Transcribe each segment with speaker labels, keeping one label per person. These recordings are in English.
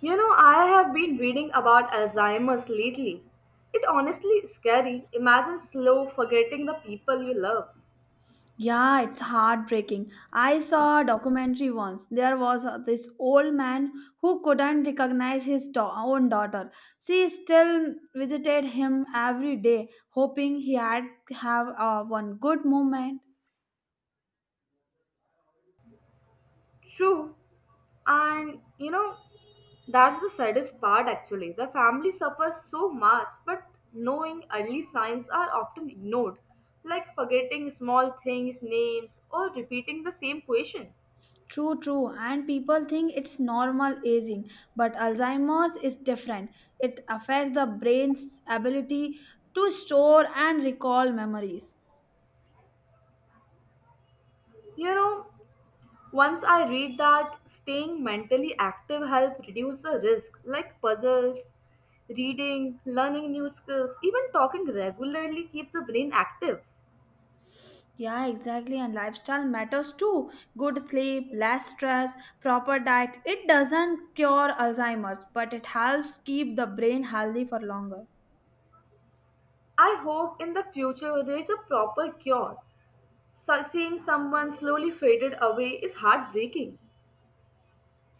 Speaker 1: You know, I have been reading about Alzheimer's lately. It honestly is scary. Imagine slow forgetting the people you love.
Speaker 2: Yeah, it's heartbreaking. I saw a documentary once. There was this old man who couldn't recognize his own daughter. She still visited him every day, hoping he had have one good moment.
Speaker 1: True. And you know, that's the saddest part actually. The family suffers so much, but knowing early signs are often ignored, like forgetting small things, names, or repeating the same question.
Speaker 2: True, true. And people think it's normal aging, but Alzheimer's is different. It affects the brain's ability to store and recall memories.
Speaker 1: You know, once I read that staying mentally active helps reduce the risk like puzzles, reading, learning new skills, even talking regularly keep the brain active.
Speaker 2: Yeah, exactly. And lifestyle matters too. Good sleep, less stress, proper diet. It doesn't cure Alzheimer's, but it helps keep the brain healthy for longer.
Speaker 1: I hope in the future there is a proper cure. So seeing someone slowly faded away is heartbreaking.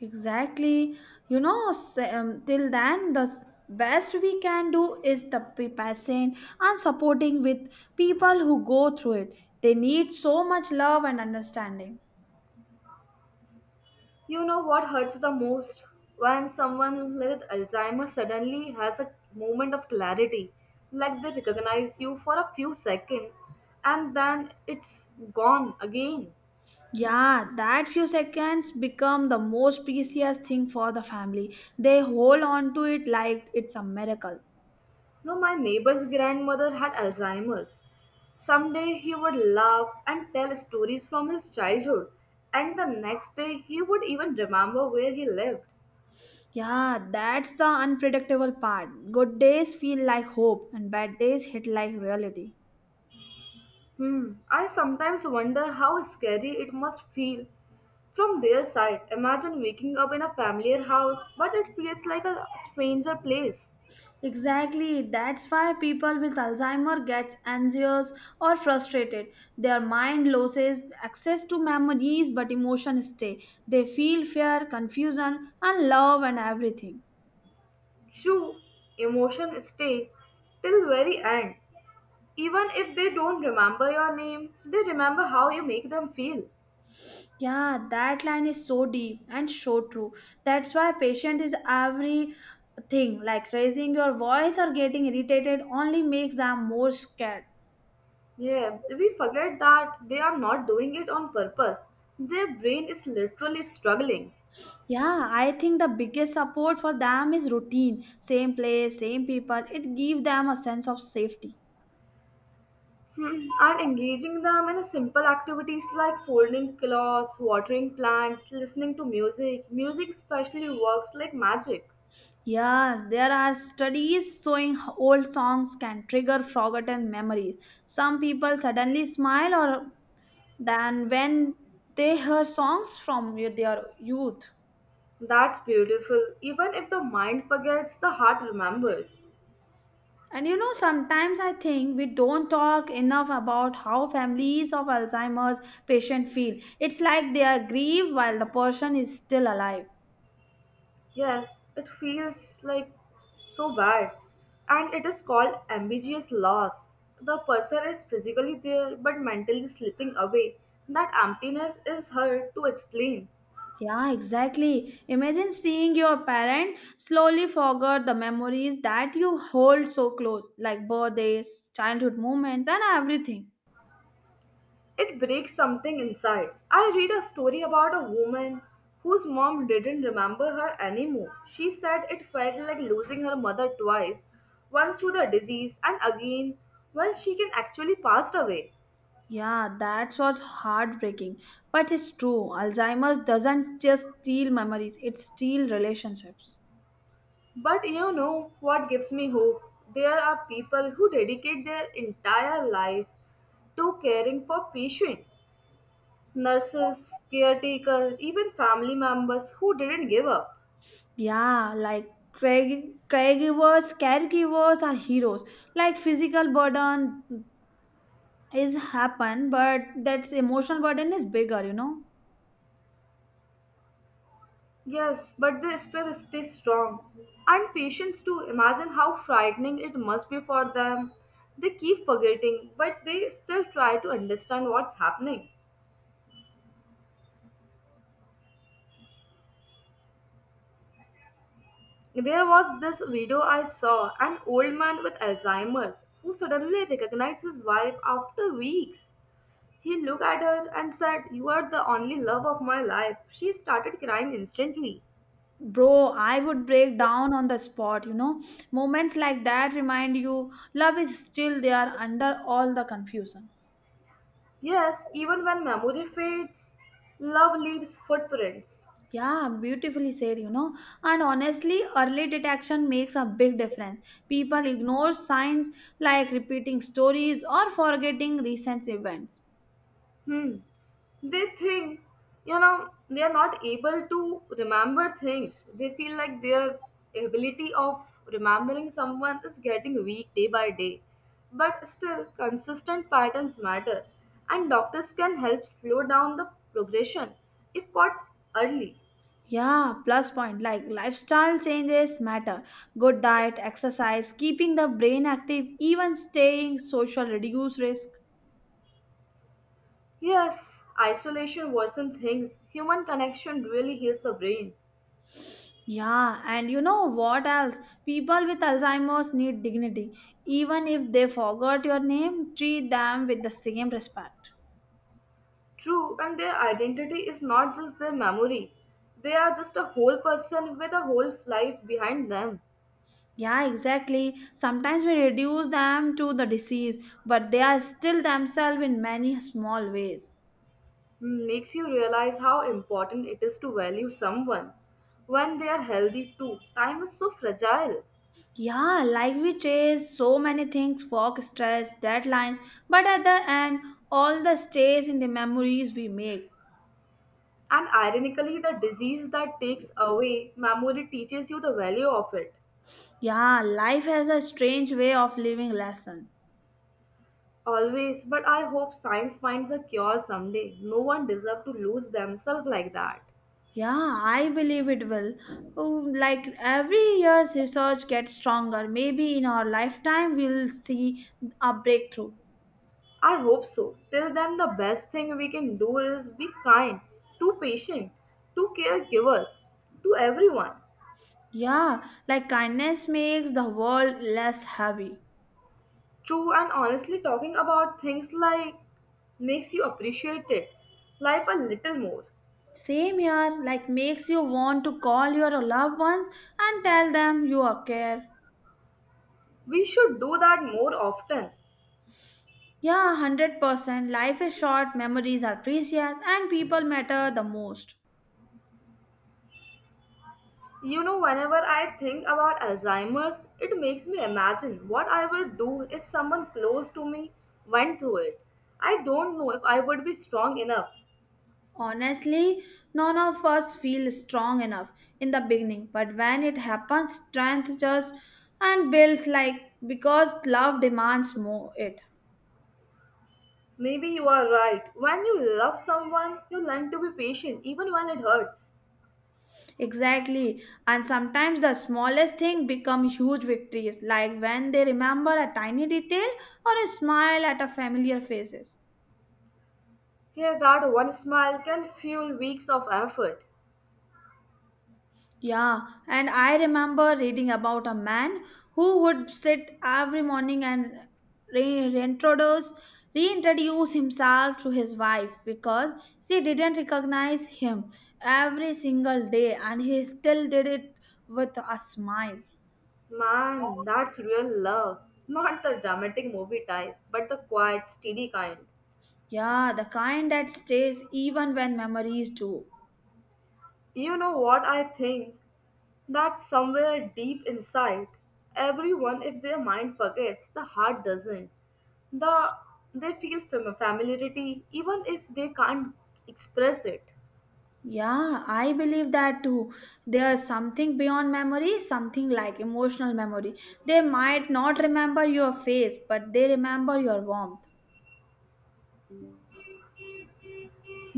Speaker 2: Exactly. Till then, the best we can do is the patient and supporting with people who go through it. They need so much love and understanding.
Speaker 1: You know what hurts the most? When someone with Alzheimer's suddenly has a moment of clarity, like they recognize you for a few seconds and then it's gone again.
Speaker 2: Yeah, that few seconds become the most precious thing for the family. They hold on to it like it's a miracle.
Speaker 1: No, my neighbor's grandmother had Alzheimer's. Someday he would laugh and tell stories from his childhood, and the next day he would even remember where he lived.
Speaker 2: Yeah, that's the unpredictable part. Good days feel like hope, and bad days hit like reality.
Speaker 1: Hmm. I sometimes wonder how scary it must feel from their side. Imagine waking up in a familiar house, but it feels like a stranger place.
Speaker 2: Exactly, that's why people with Alzheimer gets anxious or frustrated. Their mind loses access to memories but emotions stay. They feel fear, confusion and love and everything.
Speaker 1: True, emotions stay till very end. Even if they don't remember your name, they remember how you make them feel.
Speaker 2: Yeah, that line is so deep and so true. That's why patience is everything. Like raising your voice or getting irritated only makes them more scared.
Speaker 1: Yeah, we forget that they are not doing it on purpose. Their brain is literally struggling.
Speaker 2: Yeah, I think the biggest support for them is routine. Same place, same people. It gives them a sense of safety.
Speaker 1: Hmm, and engaging them in simple activities like folding clothes, watering plants, listening to music. Music especially works like magic.
Speaker 2: Yes, there are studies showing old songs can trigger forgotten memories. Some people suddenly smile or than when they hear songs from their youth.
Speaker 1: That's beautiful. Even if the mind forgets, the heart remembers.
Speaker 2: And you know, sometimes I think we don't talk enough about how families of Alzheimer's patient feel. It's like they are grieved while the person is still alive.
Speaker 1: Yes, it feels like so bad. And it is called ambiguous loss. The person is physically there but mentally slipping away. That emptiness is hard to explain.
Speaker 2: Yeah, exactly. Imagine seeing your parent slowly forget the memories that you hold so close, like birthdays, childhood moments, and everything.
Speaker 1: It breaks something inside. I read a story about a woman whose mom didn't remember her anymore. She said it felt like losing her mother twice, once to the disease and again when she can actually passed away.
Speaker 2: Yeah, that's what's heartbreaking. But it's true. Alzheimer's doesn't just steal memories, it steals relationships.
Speaker 1: But you know what gives me hope? There are people who dedicate their entire life to caring for patients, nurses, caretakers, even family members who didn't give up.
Speaker 2: Yeah, like care- caregivers are heroes. Like physical burden is happen, but that's emotional burden is bigger, you know.
Speaker 1: Yes, but they still stay strong. And patients too, imagine how frightening it must be for them. They keep forgetting, but they still try to understand what's happening. There was this video I saw an old man with Alzheimer's who suddenly recognized his wife after weeks. He looked at her and said, You are the only love of my life. She started crying instantly.
Speaker 2: Bro, I would break down on the spot, you know. Moments like that remind you love is still there under all the confusion.
Speaker 1: Yes, even when memory fades, love leaves footprints.
Speaker 2: Yeah, beautifully said, you know. And honestly, early detection makes a big difference. People ignore signs like repeating stories or forgetting recent events.
Speaker 1: Hmm. They think, you know, they are not able to remember things. They feel like their ability of remembering someone is getting weak day by day. But still, consistent patterns matter, and doctors can help slow down the progression if caught early.
Speaker 2: Yeah, plus point. Like lifestyle changes matter. Good diet, exercise, keeping the brain active, even staying social reduce risk.
Speaker 1: Yes, isolation worsens things. Human connection really heals the brain.
Speaker 2: Yeah, and you know what else? People with Alzheimer's need dignity. Even if they forgot your name, treat them with the same respect.
Speaker 1: True, and their identity is not just their memory. They are just a whole person with a whole life behind them.
Speaker 2: Yeah, exactly. Sometimes we reduce them to the disease, but they are still themselves in many small ways.
Speaker 1: Makes you realize how important it is to value someone when they are healthy too. Time is so fragile.
Speaker 2: Yeah, like we chase so many things work, stress, deadlines, but at the end, all the stays in the memories we make.
Speaker 1: And ironically, the disease that takes away memory teaches you the value of it.
Speaker 2: Yeah, life has a strange way of living lesson.
Speaker 1: Always, but I hope science finds a cure someday. No one deserves to lose themselves like that.
Speaker 2: Yeah, I believe it will. Oh, like every year's research gets stronger. Maybe in our lifetime we'll see a breakthrough.
Speaker 1: I hope so. Till then, the best thing we can do is be kind, to patient, to caregivers, to everyone.
Speaker 2: Yeah, like kindness makes the world less heavy.
Speaker 1: True and honestly, talking about things like makes you appreciate it, life a little more.
Speaker 2: Same here, like makes you want to call your loved ones and tell them you are care.
Speaker 1: We should do that more often.
Speaker 2: Yeah, 100%. Life is short, memories are precious, and people matter the most.
Speaker 1: You know, whenever I think about Alzheimer's, it makes me imagine what I would do if someone close to me went through it. I don't know if I would be strong enough.
Speaker 2: Honestly, none of us feel strong enough in the beginning, but when it happens, strength just and builds like because love demands more it.
Speaker 1: Maybe you are right. When you love someone, you learn to be patient even when it hurts.
Speaker 2: Exactly. And sometimes the smallest thing become huge victories, like when they remember a tiny detail or a smile at a familiar faces.
Speaker 1: Here, that one smile can fuel weeks of effort.
Speaker 2: Yeah, and I remember reading about a man who would sit every morning and re- reintroduce reintroduce himself to his wife because she didn't recognize him every single day and he still did it with a smile.
Speaker 1: Man, that's real love. Not the dramatic movie type, but the quiet, steady kind.
Speaker 2: Yeah, the kind that stays even when memories do.
Speaker 1: You know what I think? That somewhere deep inside, everyone, if their mind forgets, the heart doesn't. The, they feel familiarity even if they can't express it.
Speaker 2: Yeah, I believe that too. There's something beyond memory, something like emotional memory. They might not remember your face, but they remember your warmth.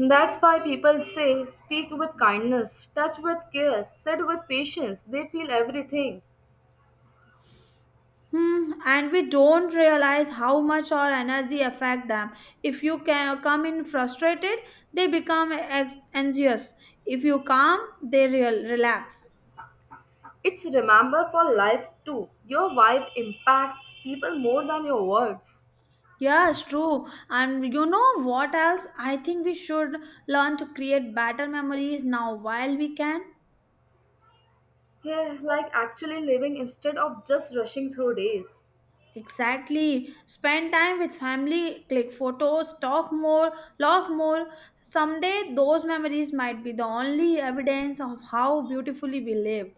Speaker 1: That's why people say speak with kindness, touch with care, sit with patience. They feel everything.
Speaker 2: Hmm, and we don't realize how much our energy affect them. If you come in frustrated, they become anxious. If you calm, they real relax.
Speaker 1: It's remember for life too. Your vibe impacts people more than your words.
Speaker 2: Yeah, it's true. And you know what else? I think we should learn to create better memories now while we can.
Speaker 1: Yeah, like actually living instead of just rushing through days.
Speaker 2: Exactly. Spend time with family, click photos, talk more, laugh more. Someday, those memories might be the only evidence of how beautifully we lived.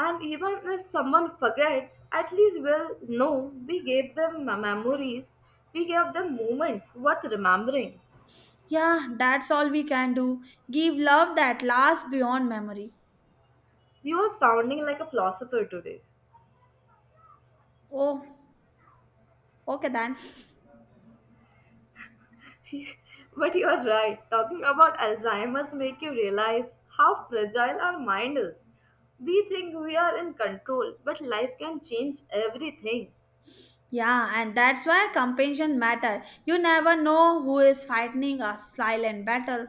Speaker 1: And even if someone forgets, at least we'll know we gave them memories, we gave them moments worth remembering.
Speaker 2: Yeah, that's all we can do. Give love that lasts beyond memory.
Speaker 1: You are sounding like a philosopher today.
Speaker 2: Oh, okay then.
Speaker 1: But you are right. Talking about Alzheimer's make you realize how fragile our mind is. We think we are in control, but life can change everything.
Speaker 2: Yeah, and that's why compassion matter. You never know who is fighting a silent battle.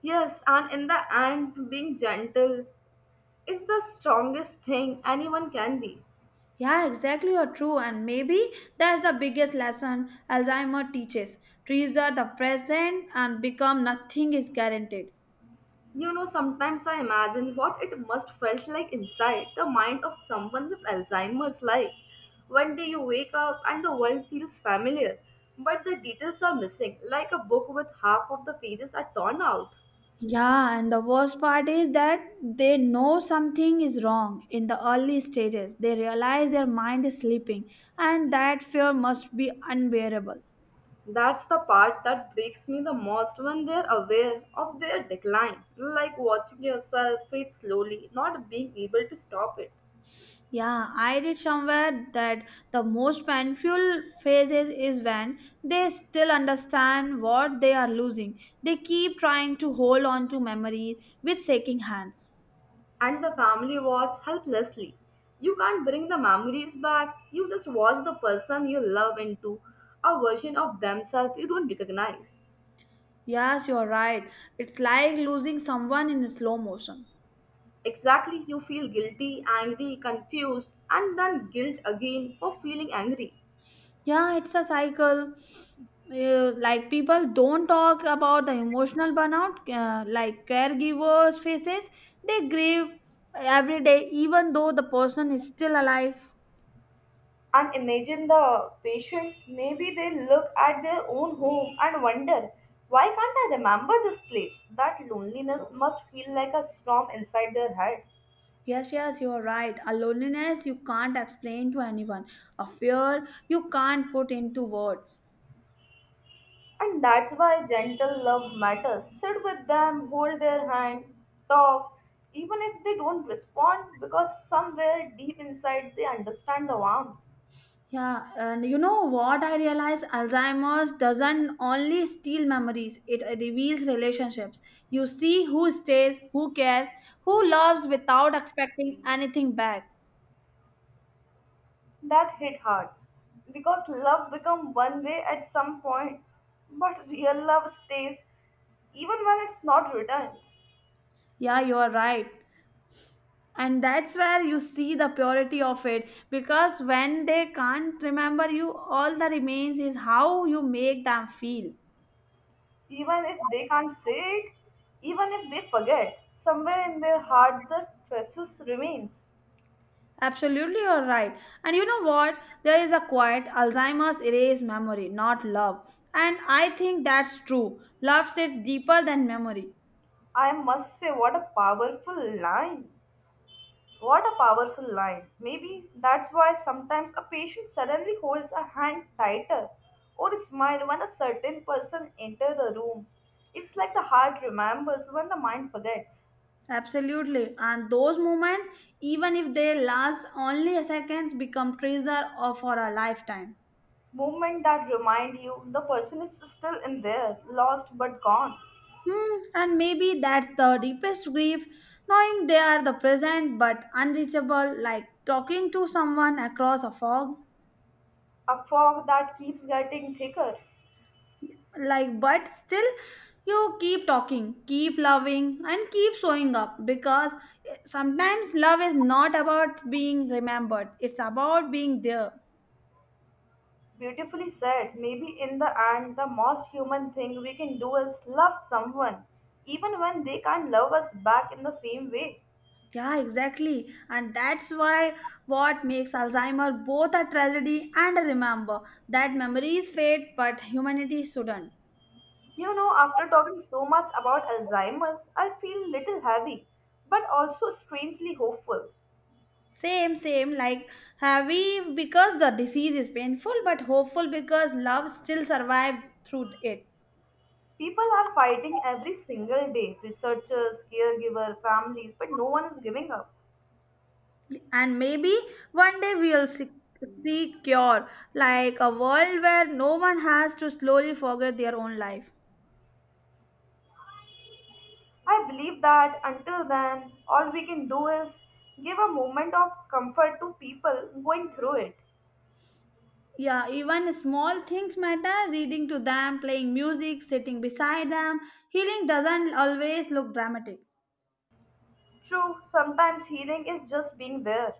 Speaker 1: Yes, and in the end, being gentle is the strongest thing anyone can be.
Speaker 2: Yeah, exactly, you're true. And maybe that's the biggest lesson Alzheimer teaches. Treasure the present and become nothing is guaranteed.
Speaker 1: You know, sometimes I imagine what it must felt like inside the mind of someone with Alzheimer's like. One day you wake up and the world feels familiar, but the details are missing, like a book with half of the pages are torn out.
Speaker 2: Yeah, and the worst part is that they know something is wrong in the early stages. They realize their mind is sleeping, and that fear must be unbearable.
Speaker 1: That's the part that breaks me the most when they're aware of their decline, like watching yourself fade slowly, not being able to stop it.
Speaker 2: Yeah, I read somewhere that the most painful phases is when they still understand what they are losing. They keep trying to hold on to memories with shaking hands.
Speaker 1: And the family watch helplessly. You can't bring the memories back, you just watch the person you love into a version of themselves you don't recognize.
Speaker 2: Yes, you're right. It's like losing someone in slow motion.
Speaker 1: Exactly, you feel guilty, angry, confused, and then guilt again for feeling angry.
Speaker 2: Yeah, it's a cycle. Like people don't talk about the emotional burnout, like caregivers' faces. They grieve every day, even though the person is still alive.
Speaker 1: And imagine the patient, maybe they look at their own home and wonder, why can't I remember this place? That loneliness must feel like a storm inside their head.
Speaker 2: Yes, yes, you are right. A loneliness you can't explain to anyone, a fear you can't put into words.
Speaker 1: And that's why gentle love matters. Sit with them, hold their hand, talk, even if they don't respond, because somewhere deep inside they understand the warmth
Speaker 2: Yeah, and you know what I realized? Alzheimer's doesn't only steal memories, it reveals relationships. You see who stays, who cares, who loves without expecting anything back.
Speaker 1: that hit hearts. Because love become one way at some point, but real love stays even when it's not returned,
Speaker 2: Yeah, you are right. And that's where you see the purity of it because when they can't remember you, all that remains is how you make them feel.
Speaker 1: even if they can't say it, even if they forget, somewhere in their heart the traces remains.
Speaker 2: Absolutely, you're right. And you know what? There is a quiet Alzheimer's erase memory, not love. And I think that's true. Love sits deeper than memory.
Speaker 1: I must say, what a powerful line. What a powerful line. Maybe that's why sometimes a patient suddenly holds a hand tighter or smile when a certain person enters the room. It's like the heart remembers when the mind forgets.
Speaker 2: Absolutely. And those moments, even if they last only a second, become treasure of for a lifetime.
Speaker 1: Movement that remind you the person is still in there, lost but gone.
Speaker 2: Hmm. And maybe that's the deepest grief, knowing they are the present but unreachable, like talking to someone across a fog.
Speaker 1: A fog that keeps getting thicker.
Speaker 2: Like but still you keep talking, keep loving and keep showing up because sometimes love is not about being remembered, it's about being there.
Speaker 1: Beautifully said. Maybe in the end, the most human thing we can do is love someone, even when they can't love us back in the same way.
Speaker 2: Yeah, exactly, and that's why what makes Alzheimer both a tragedy and a remember that memories fade but humanity shouldn't.
Speaker 1: You know, after talking so much about Alzheimer's, I feel little heavy, but also strangely hopeful.
Speaker 2: Same, same, like heavy because the disease is painful but hopeful because love still survived through it.
Speaker 1: People are fighting every single day researchers, caregivers, families, but no one is giving up.
Speaker 2: And maybe one day we'll seek cure, like a world where no one has to slowly forget their own life.
Speaker 1: I believe that until then, all we can do is give a moment of comfort to people going through it.
Speaker 2: Yeah, even small things matter, reading to them, playing music, sitting beside them. Healing doesn't always look dramatic.
Speaker 1: True, sometimes healing is just being there.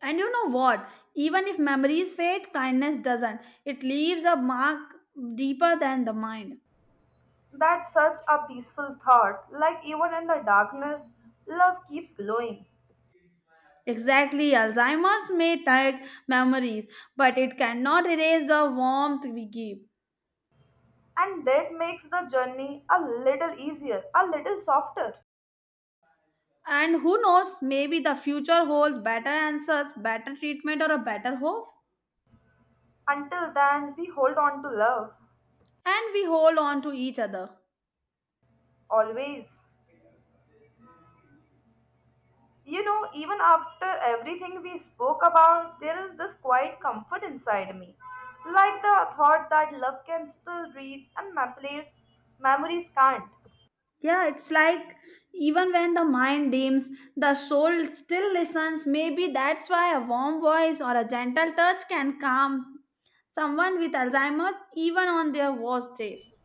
Speaker 2: And you know what, even if memories fade kindness doesn't, it leaves a mark deeper than the mind.
Speaker 1: That's such a peaceful thought, like even in the darkness, love keeps glowing.
Speaker 2: Exactly, Alzheimer's may take memories, but it cannot erase the warmth we give.
Speaker 1: And that makes the journey a little easier, a little softer.
Speaker 2: And who knows, maybe the future holds better answers, better treatment, or a better hope.
Speaker 1: Until then, we hold on to love,
Speaker 2: And we hold on to each other.
Speaker 1: always. You know, even after everything we spoke about, there is this quiet comfort inside me. Like the thought that love can still reach and my place memories can't.
Speaker 2: Yeah, it's like even when the mind dims, the soul still listens. Maybe that's why a warm voice or a gentle touch can calm someone with Alzheimer's even on their worst days.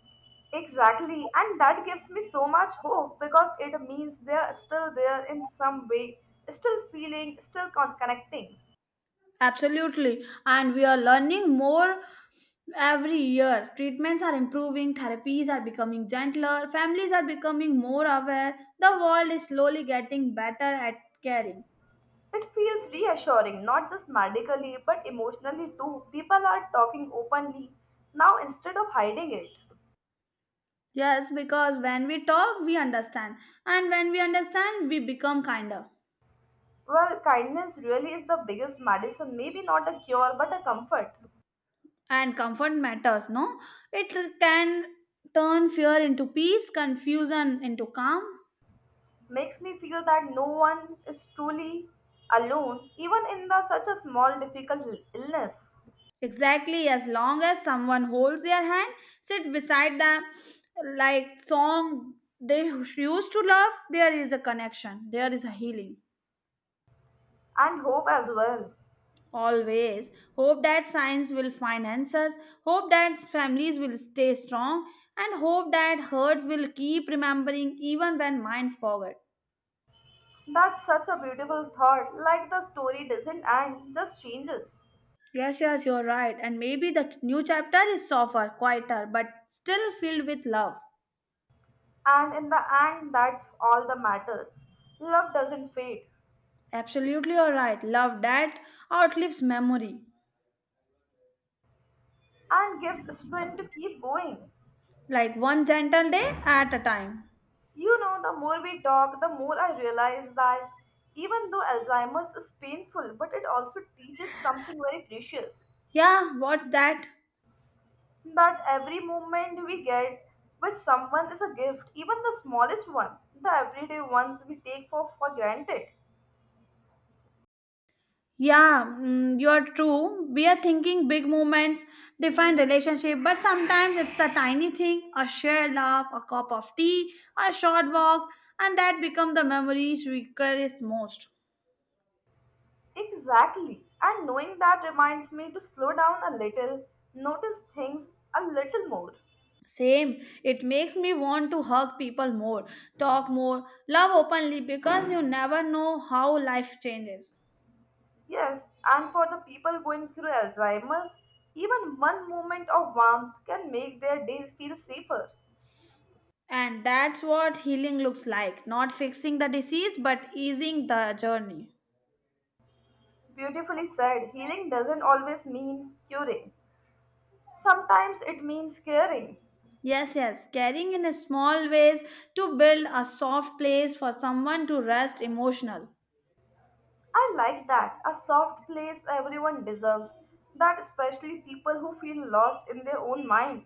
Speaker 1: Exactly, and that gives me so much hope because it means they are still there in some way, still feeling, still connecting.
Speaker 2: Absolutely. And we are learning more every year. Treatments are improving, therapies are becoming gentler, families are becoming more aware. The world is slowly getting better at caring.
Speaker 1: It feels reassuring, not just medically, but emotionally too. People are talking openly now instead of hiding it.
Speaker 2: Yes, because when we talk, we understand. And when we understand, we become kinder.
Speaker 1: Well, kindness really is the biggest medicine, maybe not a cure, but a comfort.
Speaker 2: And comfort matters, no? It can turn fear into peace, confusion into calm.
Speaker 1: Makes me feel that no one is truly alone, even in the such a small, difficult illness,
Speaker 2: Exactly, as long as someone holds their hand, sit beside them, like song they used to love, there is a connection, there is a healing.
Speaker 1: and hope as well.
Speaker 2: Always hope that science will find answers, hope that families will stay strong, and hope that hearts will keep remembering even when minds forget.
Speaker 1: That's such a beautiful thought, like the story doesn't end, just changes.
Speaker 2: Yes, yes, you're right. And maybe the new chapter is softer, quieter, but still filled with love.
Speaker 1: And in the end, that's all that matters. Love doesn't fade.
Speaker 2: Absolutely, you're right. Love that outlives memory.
Speaker 1: And gives strength to keep going.
Speaker 2: Like one gentle day at a time.
Speaker 1: You know, the more we talk, the more I realize that even though Alzheimer's is painful, but it also teaches something very precious.
Speaker 2: Yeah, what's that?
Speaker 1: That every moment we get with someone is a gift, even the smallest one, the everyday ones we take for granted.
Speaker 2: Yeah, mm, you're true. We are thinking big moments define relationship, but sometimes it's the tiny thing, a shared laugh, a cup of tea, a short walk, and that become the memories we cherish most.
Speaker 1: Exactly. And knowing that reminds me to slow down a little, notice things a little more.
Speaker 2: Same, it makes me want to hug people more, talk more, love openly because you never know how life changes.
Speaker 1: Yes, and for the people going through Alzheimer's, even one moment of warmth can make their day feel safer.
Speaker 2: And that's what healing looks like not fixing the disease, but easing the journey.
Speaker 1: Beautifully said, healing doesn't always mean curing. Sometimes it means caring.
Speaker 2: Yes, yes, caring in small ways to build a soft place for someone to rest emotional.
Speaker 1: I like that, a soft place everyone deserves, that especially people who feel lost in their own mind.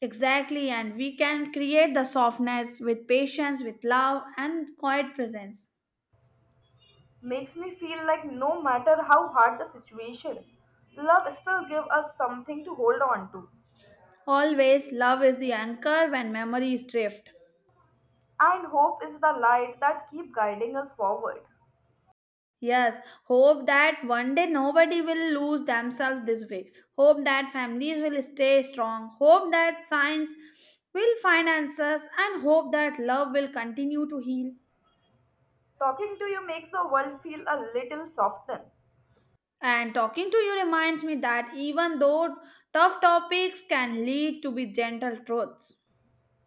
Speaker 2: Exactly, and we can create the softness with patience, with love, and quiet presence.
Speaker 1: Makes me feel like no matter how hard the situation, love still gives us something to hold on to.
Speaker 2: Always, love is the anchor when memories drift.
Speaker 1: And hope is the light that keep guiding us forward.
Speaker 2: Yes, hope that one day nobody will lose themselves this way. Hope that families will stay strong. Hope that science will find answers and hope that love will continue to heal.
Speaker 1: Talking to you makes the world feel a little softened.
Speaker 2: And talking to you reminds me that even though tough topics can lead to be gentle truths.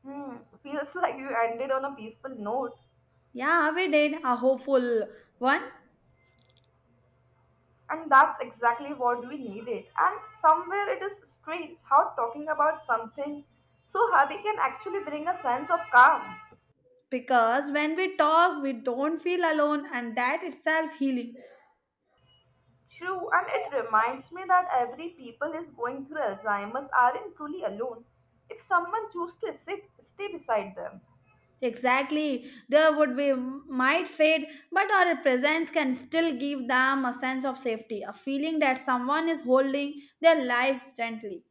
Speaker 1: Hmm, feels like you ended on a peaceful note,
Speaker 2: Yeah, we did a hopeful one
Speaker 1: and that's exactly what we needed. And somewhere it is strange how talking about something so heavy can actually bring a sense of calm.
Speaker 2: because when we talk, we don't feel alone, and that itself healing.
Speaker 1: True, and it reminds me that every people is going through Alzheimer's aren't truly alone. If someone chooses to sit, stay beside them.
Speaker 2: Exactly. There would be might fade, but our presence can still give them a sense of safety, a feeling that someone is holding their life gently.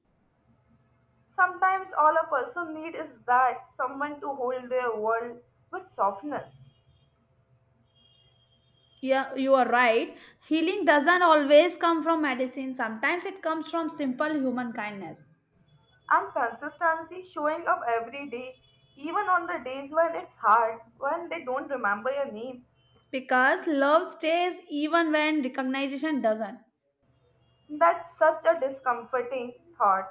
Speaker 1: Sometimes all a person needs is that someone to hold their world with softness.
Speaker 2: Yeah, you are right. Healing doesn't always come from medicine. Sometimes it comes from simple human kindness.
Speaker 1: And consistency showing up every day even on the days when it's hard, when they don't remember your name.
Speaker 2: Because love stays even when recognition doesn't.
Speaker 1: That's such a discomforting thought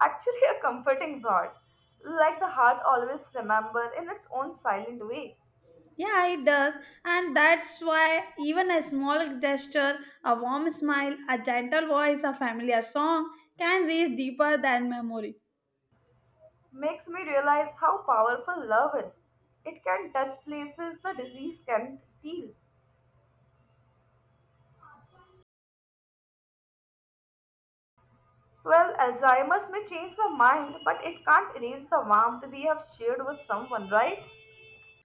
Speaker 1: actually a comforting thought, like the heart always remember in its own silent way.
Speaker 2: Yeah, it does. And that's why even a small gesture, a warm smile, a gentle voice, a familiar song can reach deeper than memory.
Speaker 1: Makes me realize how powerful love is. It can touch places the disease can steal. Well, Alzheimer's may change the mind but it can't erase the warmth we have shared with someone, right?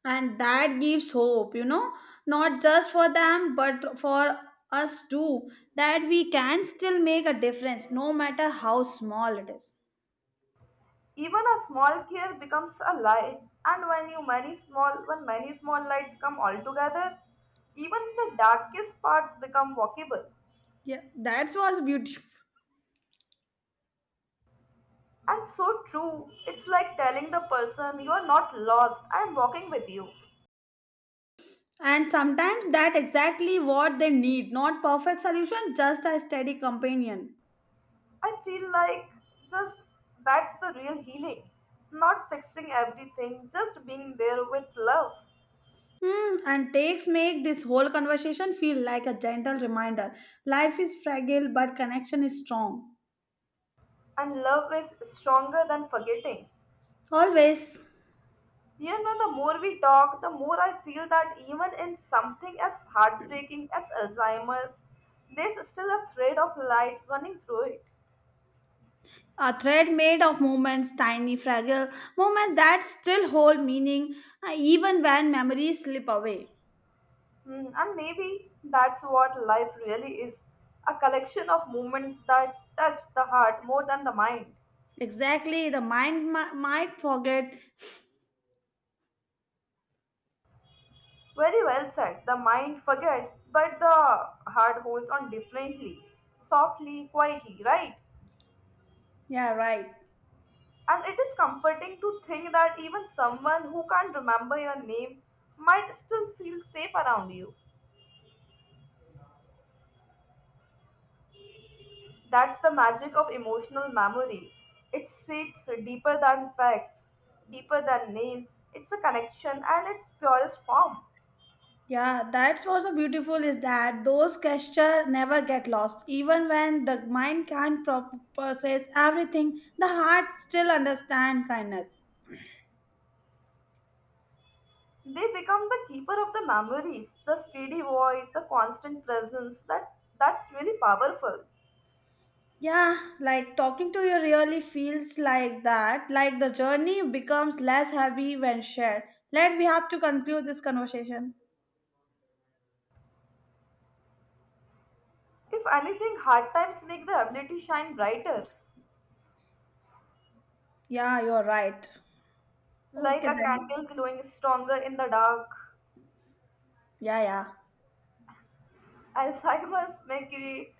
Speaker 2: And that gives hope, you know, not just for them, but for us too, that we can still make a difference no matter how small it is.
Speaker 1: Even a small care becomes a light, and when many small lights come all together, even the darkest parts become walkable.
Speaker 2: Yeah, that's what's beautiful.
Speaker 1: And so true. It's like telling the person you are not lost. I am walking with you.
Speaker 2: And sometimes that exactly what they need, not perfect solution, just a steady companion.
Speaker 1: I feel like just that's the real healing. Not fixing everything, just being there with love.
Speaker 2: Hmm, and takes make this whole conversation feel like a gentle reminder. Life is fragile, but connection is strong.
Speaker 1: And love is stronger than forgetting.
Speaker 2: Always
Speaker 1: You know, the more we talk, the more I feel that even in something as heartbreaking as Alzheimer's, there's still a thread of light running through it.
Speaker 2: a thread made of moments, tiny, fragile moments that still hold meaning even when memories slip away.
Speaker 1: Hmm, and maybe that's what life really is, a collection of moments that touch the heart more than the mind.
Speaker 2: Exactly, the mind might forget.
Speaker 1: Very well said. The mind forget, but the heart holds on differently, softly, quietly, right?
Speaker 2: Yeah, right.
Speaker 1: And it is comforting to think that even someone who can't remember your name might still feel safe around you. That's the magic of emotional memory. It sits deeper than facts, deeper than names. It's a connection and its purest form.
Speaker 2: Yeah, that's what's so beautiful is that those gestures never get lost. Even when the mind can't process everything, the heart still understands kindness.
Speaker 1: They become the keeper of the memories, the steady voice, the constant presence. That's really powerful.
Speaker 2: Yeah, like talking to you really feels like that. Like the journey becomes less heavy when shared. Let we have to conclude this conversation.
Speaker 1: If anything, hard times make the ability shine brighter,
Speaker 2: Yeah, you're right.
Speaker 1: like
Speaker 2: Okay
Speaker 1: a
Speaker 2: then.
Speaker 1: candle glowing stronger in the dark.
Speaker 2: Yeah, yeah.
Speaker 1: Alzheimer's may create